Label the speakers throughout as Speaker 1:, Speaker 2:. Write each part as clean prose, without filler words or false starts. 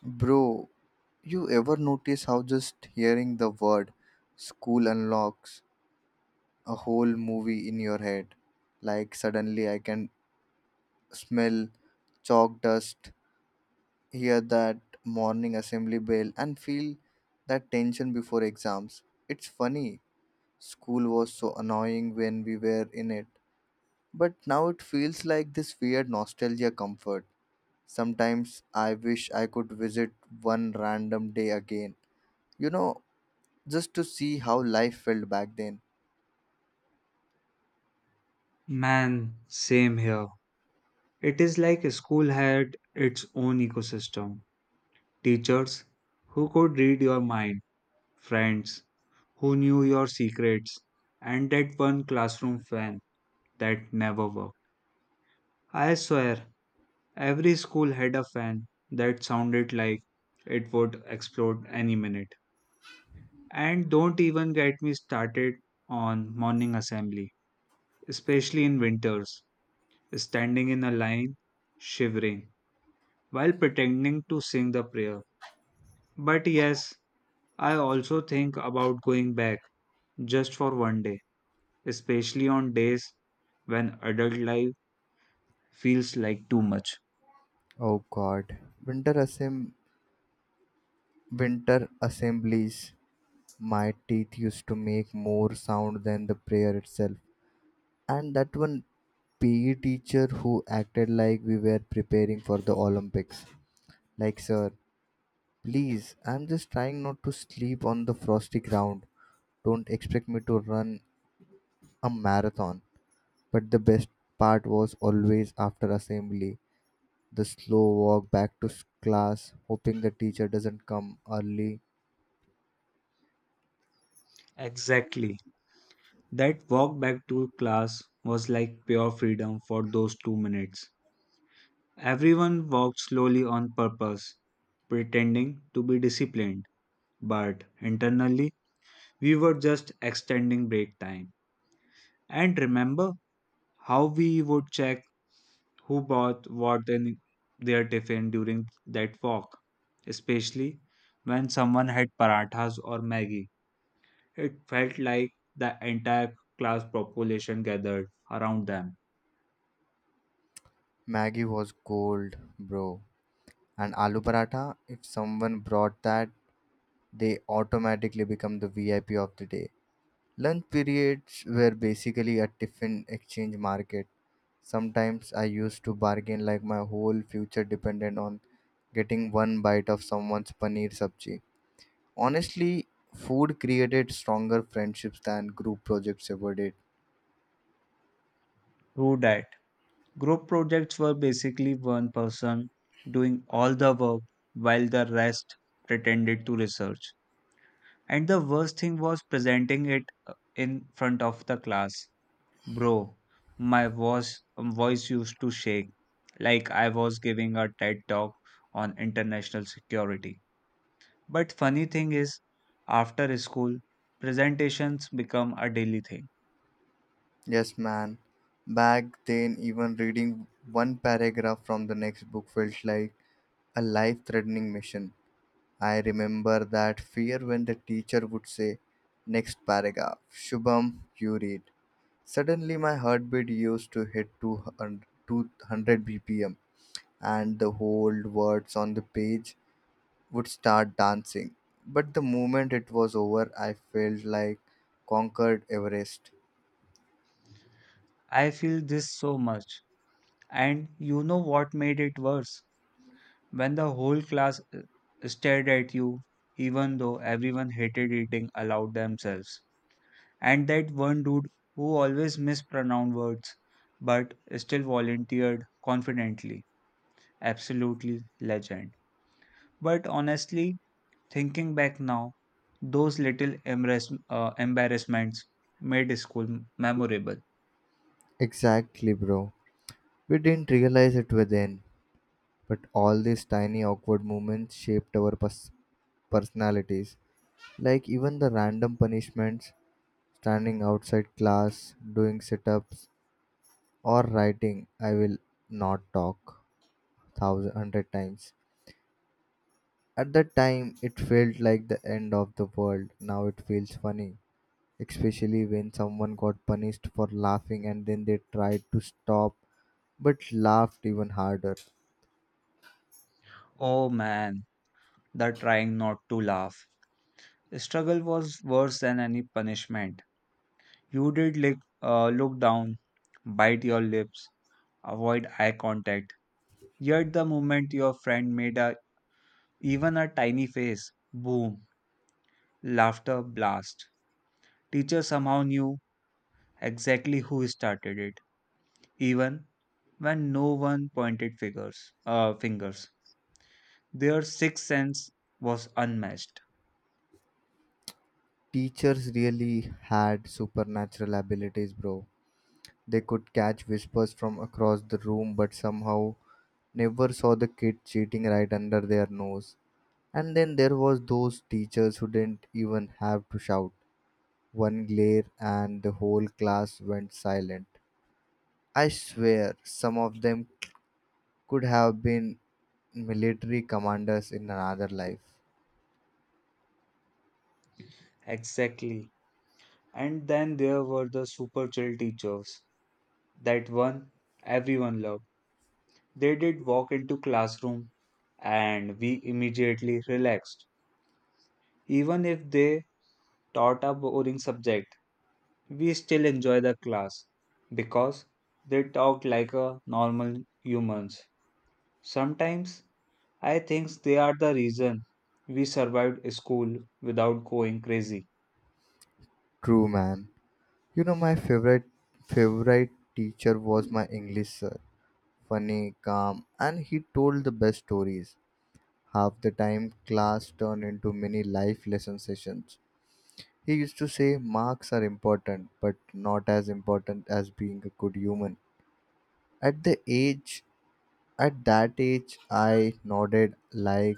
Speaker 1: Bro, you ever notice how just hearing the word school unlocks a whole movie in your head? Like suddenly I can smell chalk dust, hear that morning assembly bell, and feel that tension before exams. It's funny, school was so annoying when we were in it, but now it feels like this weird nostalgia comfort. Sometimes I wish I could visit one random day again, you know just to see how life felt back then.
Speaker 2: Man, same here. It is like a school had its own ecosystem. Teachers who could read your mind, friends who knew your secrets, and that one classroom fan that never worked. I swear, every school had a fan that sounded like it would explode any minute. And don't even get me started on morning assembly, especially in winters, standing in a line, shivering while pretending to sing the prayer. But yes, I also think about going back just for one day, especially on days when adult life feels like too much.
Speaker 1: Oh god. Winter assemb- Winter assemblies. My teeth used to make more sound than the prayer itself. And that one PE teacher who acted like we were preparing for the Olympics. Like, sir, please, I'm just trying not to sleep on the frosty ground. Don't expect me to run a marathon. But the best part was always after assembly. The slow walk back to class, hoping the teacher doesn't come early.
Speaker 2: Exactly. That walk back to class was like pure freedom for those 2 minutes. Everyone walked slowly on purpose, pretending to be disciplined, but internally we were just extending break time. And remember how we would check who bought what in their tiffin during that walk, especially when someone had parathas or Maggie. It felt like the entire class population gathered around them.
Speaker 1: Maggie was cold, bro. And aloo paratha, if someone brought that, they automatically become the VIP of the day. Lunch periods were basically a tiffin exchange market. Sometimes I used to bargain like my whole future depended on getting one bite of someone's paneer sabji. Honestly, food created stronger friendships than group projects ever did.
Speaker 2: Through that, group projects were basically one person doing all the work while the rest pretended to research. And the worst thing was presenting it in front of the class. Bro, my voice used to shake like I was giving a TED talk on international security. But funny thing is, after school, presentations become a daily thing.
Speaker 1: Yes, man. Back then, even reading one paragraph from the next book felt like a life threatening mission. I remember that fear when the teacher would say, next paragraph, Shubham, you read. Suddenly, my heartbeat used to hit 200 bpm, and the whole words on the page would start dancing. But the moment it was over, I felt like conquered Everest.
Speaker 2: I feel this so much. And you know what made it worse? When the whole class stared at you, even though everyone hated eating aloud themselves. And that one dude who always mispronounced words but still volunteered confidently. Absolutely legend. But honestly, thinking back now, those little embarrassments made school memorable.
Speaker 1: Exactly, bro. We didn't realize it were then, but all these tiny awkward moments shaped our personalities. Like even the random punishments, standing outside class, doing sit ups, or writing, I will not talk thousand hundred times. At that time, it felt like the end of the world. Now it feels funny, especially when someone got punished for laughing and then they tried to stop but laughed even harder.
Speaker 2: Oh man, the trying not to laugh. Struggle was worse than any punishment. You did look down, bite your lips, avoid eye contact. Yet the moment your friend made a Even a tiny face, boom, laughter blast. Teacher somehow knew exactly who started it, even when no one pointed fingers. Their sixth sense was unmatched.
Speaker 1: Teachers really had supernatural abilities, bro. They could catch whispers from across the room, but somehow never saw the kid cheating right under their nose. And then there was those teachers who didn't even have to shout. One glare and the whole class went silent. I swear some of them could have been military commanders in another life.
Speaker 2: Exactly. And then there were the super chill teachers. That one everyone loved. They did walk into classroom and we immediately relaxed. Even if they taught a boring subject, we still enjoy the class because they talk like a normal humans. Sometimes I think they are the reason we survived school without going crazy.
Speaker 1: True man. You know my favorite teacher was my English sir. Funny, calm, and he told the best stories. Half the time, class turned into mini life lesson sessions. He used to say marks are important, but not as important as being a good human. At the age, at that age, I nodded like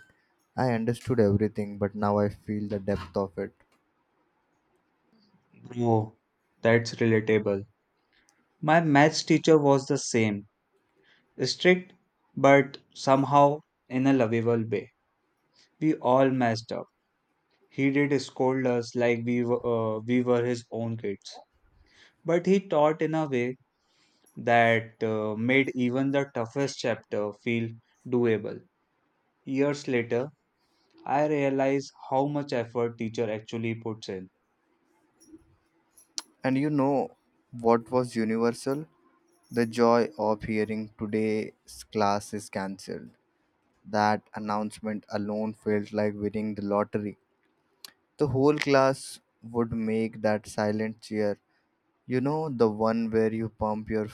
Speaker 1: I understood everything, but now I feel the depth of it.
Speaker 2: Bro, that's relatable. My maths teacher was the same, strict but somehow in a lovable way. We all messed up. He did scold us like we were his own kids. But he taught in a way that made even the toughest chapter feel doable. Years later, I realize how much effort teacher actually puts in.
Speaker 1: And you know what was universal? The joy of hearing today's class is cancelled. That announcement alone felt like winning the lottery. The whole class would make that silent cheer. You know, the one where you pump your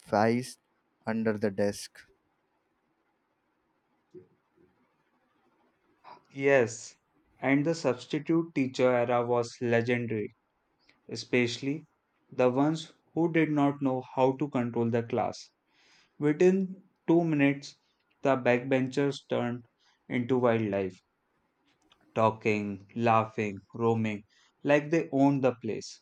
Speaker 1: fist under the desk.
Speaker 2: Yes, and the substitute teacher era was legendary, especially the ones who did not know how to control the class. Within 2 minutes, the backbenchers turned into wildlife, talking, laughing, roaming, like they owned the place.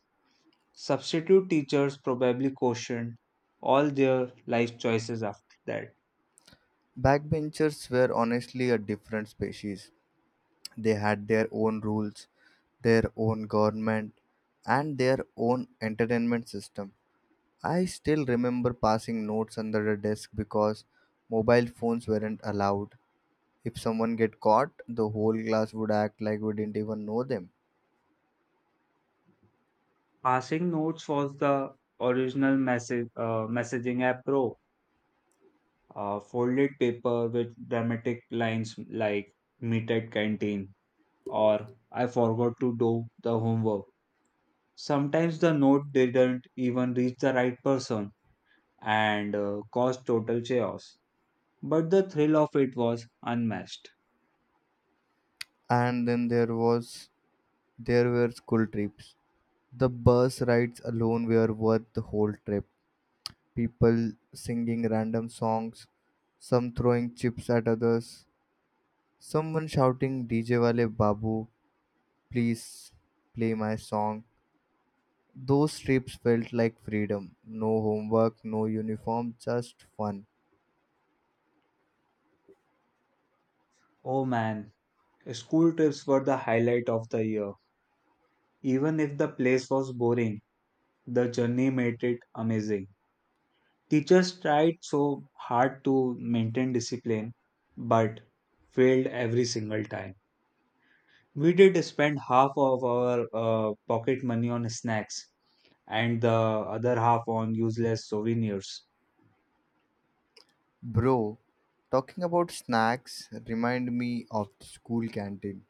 Speaker 2: Substitute teachers probably cautioned all their life choices after that.
Speaker 1: Backbenchers were honestly a different species. They had their own rules, their own government, and their own entertainment system. I still remember passing notes under the desk because mobile phones weren't allowed. If someone get caught, the whole class would act like we didn't even know them.
Speaker 2: Passing notes was the original messaging app pro. Folded paper with dramatic lines like meet at canteen or I forgot to do the homework. Sometimes the note didn't even reach the right person and caused total chaos. But the thrill of it was unmatched.
Speaker 1: And then there were school trips. The bus rides alone were worth the whole trip. People singing random songs, some throwing chips at others, someone shouting, DJ Wale Babu, please play my song. Those trips felt like freedom. No homework, no uniform, just fun.
Speaker 2: Oh man, school trips were the highlight of the year. Even if the place was boring, the journey made it amazing. Teachers tried so hard to maintain discipline but failed every single time. We did spend half of our pocket money on snacks and the other half on useless souvenirs.
Speaker 1: Bro, talking about snacks remind me of the school canteen.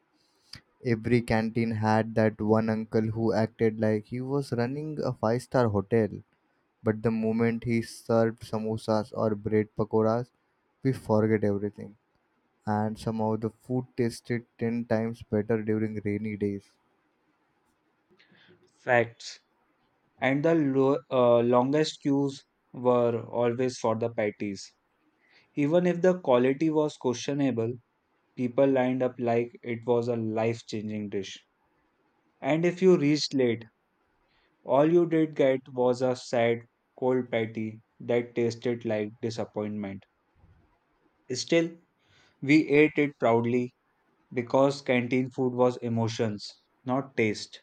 Speaker 1: Every canteen had that one uncle who acted like he was running a five-star hotel, but the moment he served samosas or bread pakoras, we forget everything. And somehow the food tasted 10 times better during rainy days.
Speaker 2: Facts. And the longest queues were always for the patties. Even if the quality was questionable, people lined up like it was a life changing dish. And if you reached late, all you did get was a sad, cold patty that tasted like disappointment. Still, we ate it proudly because canteen food was emotions, not taste.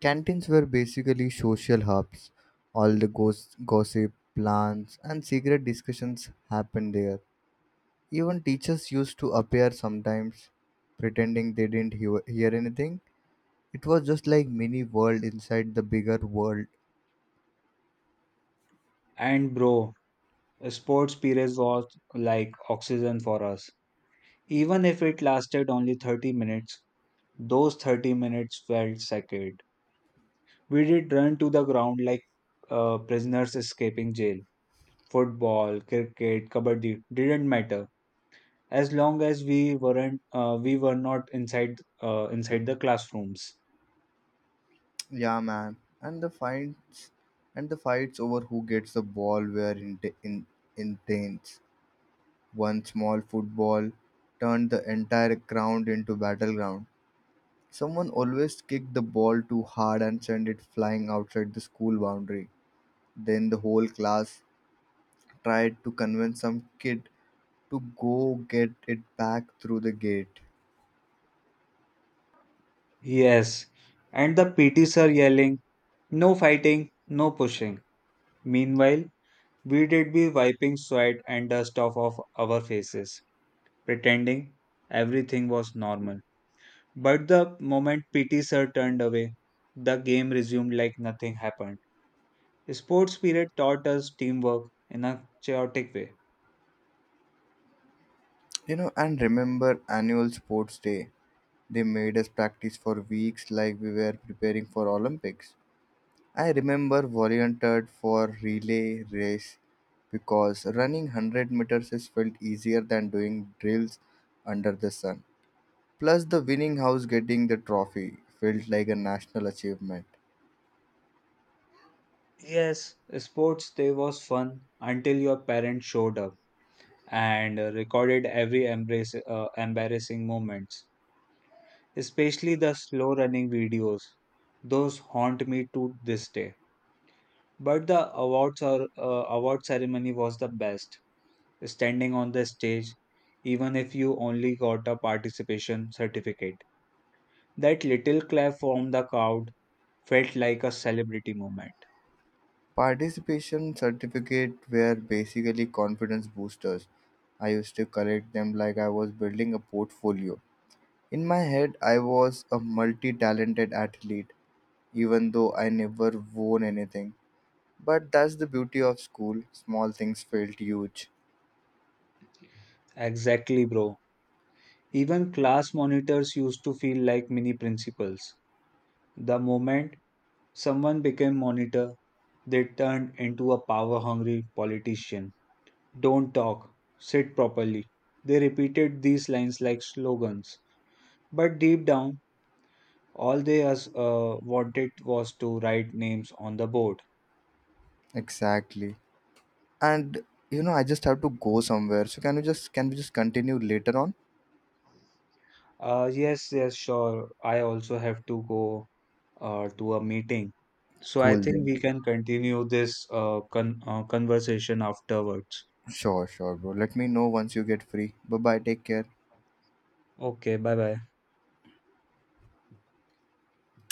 Speaker 1: Canteens were basically social hubs. All the gossip, plans, and secret discussions happened there. Even teachers used to appear sometimes, pretending they didn't hear anything. It was just like mini world inside the bigger world.
Speaker 2: And bro, sports periods was like oxygen for us. Even if it lasted only 30 minutes, those 30 minutes felt sacred. We did run to the ground like prisoners escaping jail. Football, cricket, kabaddi didn't matter as long as we were not inside the classrooms.
Speaker 1: Yeah, man. And the fights over who gets the ball were intense. One small football turned the entire ground into battleground. Someone always kicked the ball too hard and sent it flying outside the school boundary. Then the whole class tried to convince some kid to go get it back through the gate.
Speaker 2: Yes, and the PT sir yelling, "No fighting, no pushing." Meanwhile, we did be wiping sweat and dust off of our faces, pretending everything was normal. But the moment PT sir turned away, the game resumed like nothing happened. Sports period taught us teamwork in a chaotic way.
Speaker 1: You know, and remember annual sports day. They made us practice for weeks like we were preparing for Olympics. I remember volunteered for relay race because running 100 meters is felt easier than doing drills under the sun. Plus, the winning house getting the trophy felt like a national achievement.
Speaker 2: Yes, sports day was fun until your parents showed up and recorded every embarrassing moments, especially the slow running videos. Those haunt me to this day. But the award ceremony was the best. Standing on the stage, even if you only got a participation certificate, that little clap from the crowd felt like a celebrity moment.
Speaker 1: Participation certificate were basically confidence boosters. I used to collect them like I was building a portfolio. In my head, I was a multi talented athlete, even though I never won anything. But that's the beauty of school small things felt huge.
Speaker 2: Exactly, bro. Even class monitors used to feel like mini principals. The moment someone became monitor, they turned into a power hungry politician. Don't talk, sit properly. They repeated these lines like slogans, but deep down, all they wanted was to write names on the board.
Speaker 1: Exactly. And you know, I just have to go somewhere. So can we just continue later on?
Speaker 2: Yes, yes, sure. I also have to go to a meeting. So I
Speaker 1: Cool
Speaker 2: think
Speaker 1: then.
Speaker 2: we can continue this conversation afterwards.
Speaker 1: Sure, sure, bro. Let me know once you get free. Bye bye. Take care.
Speaker 2: Okay, bye bye.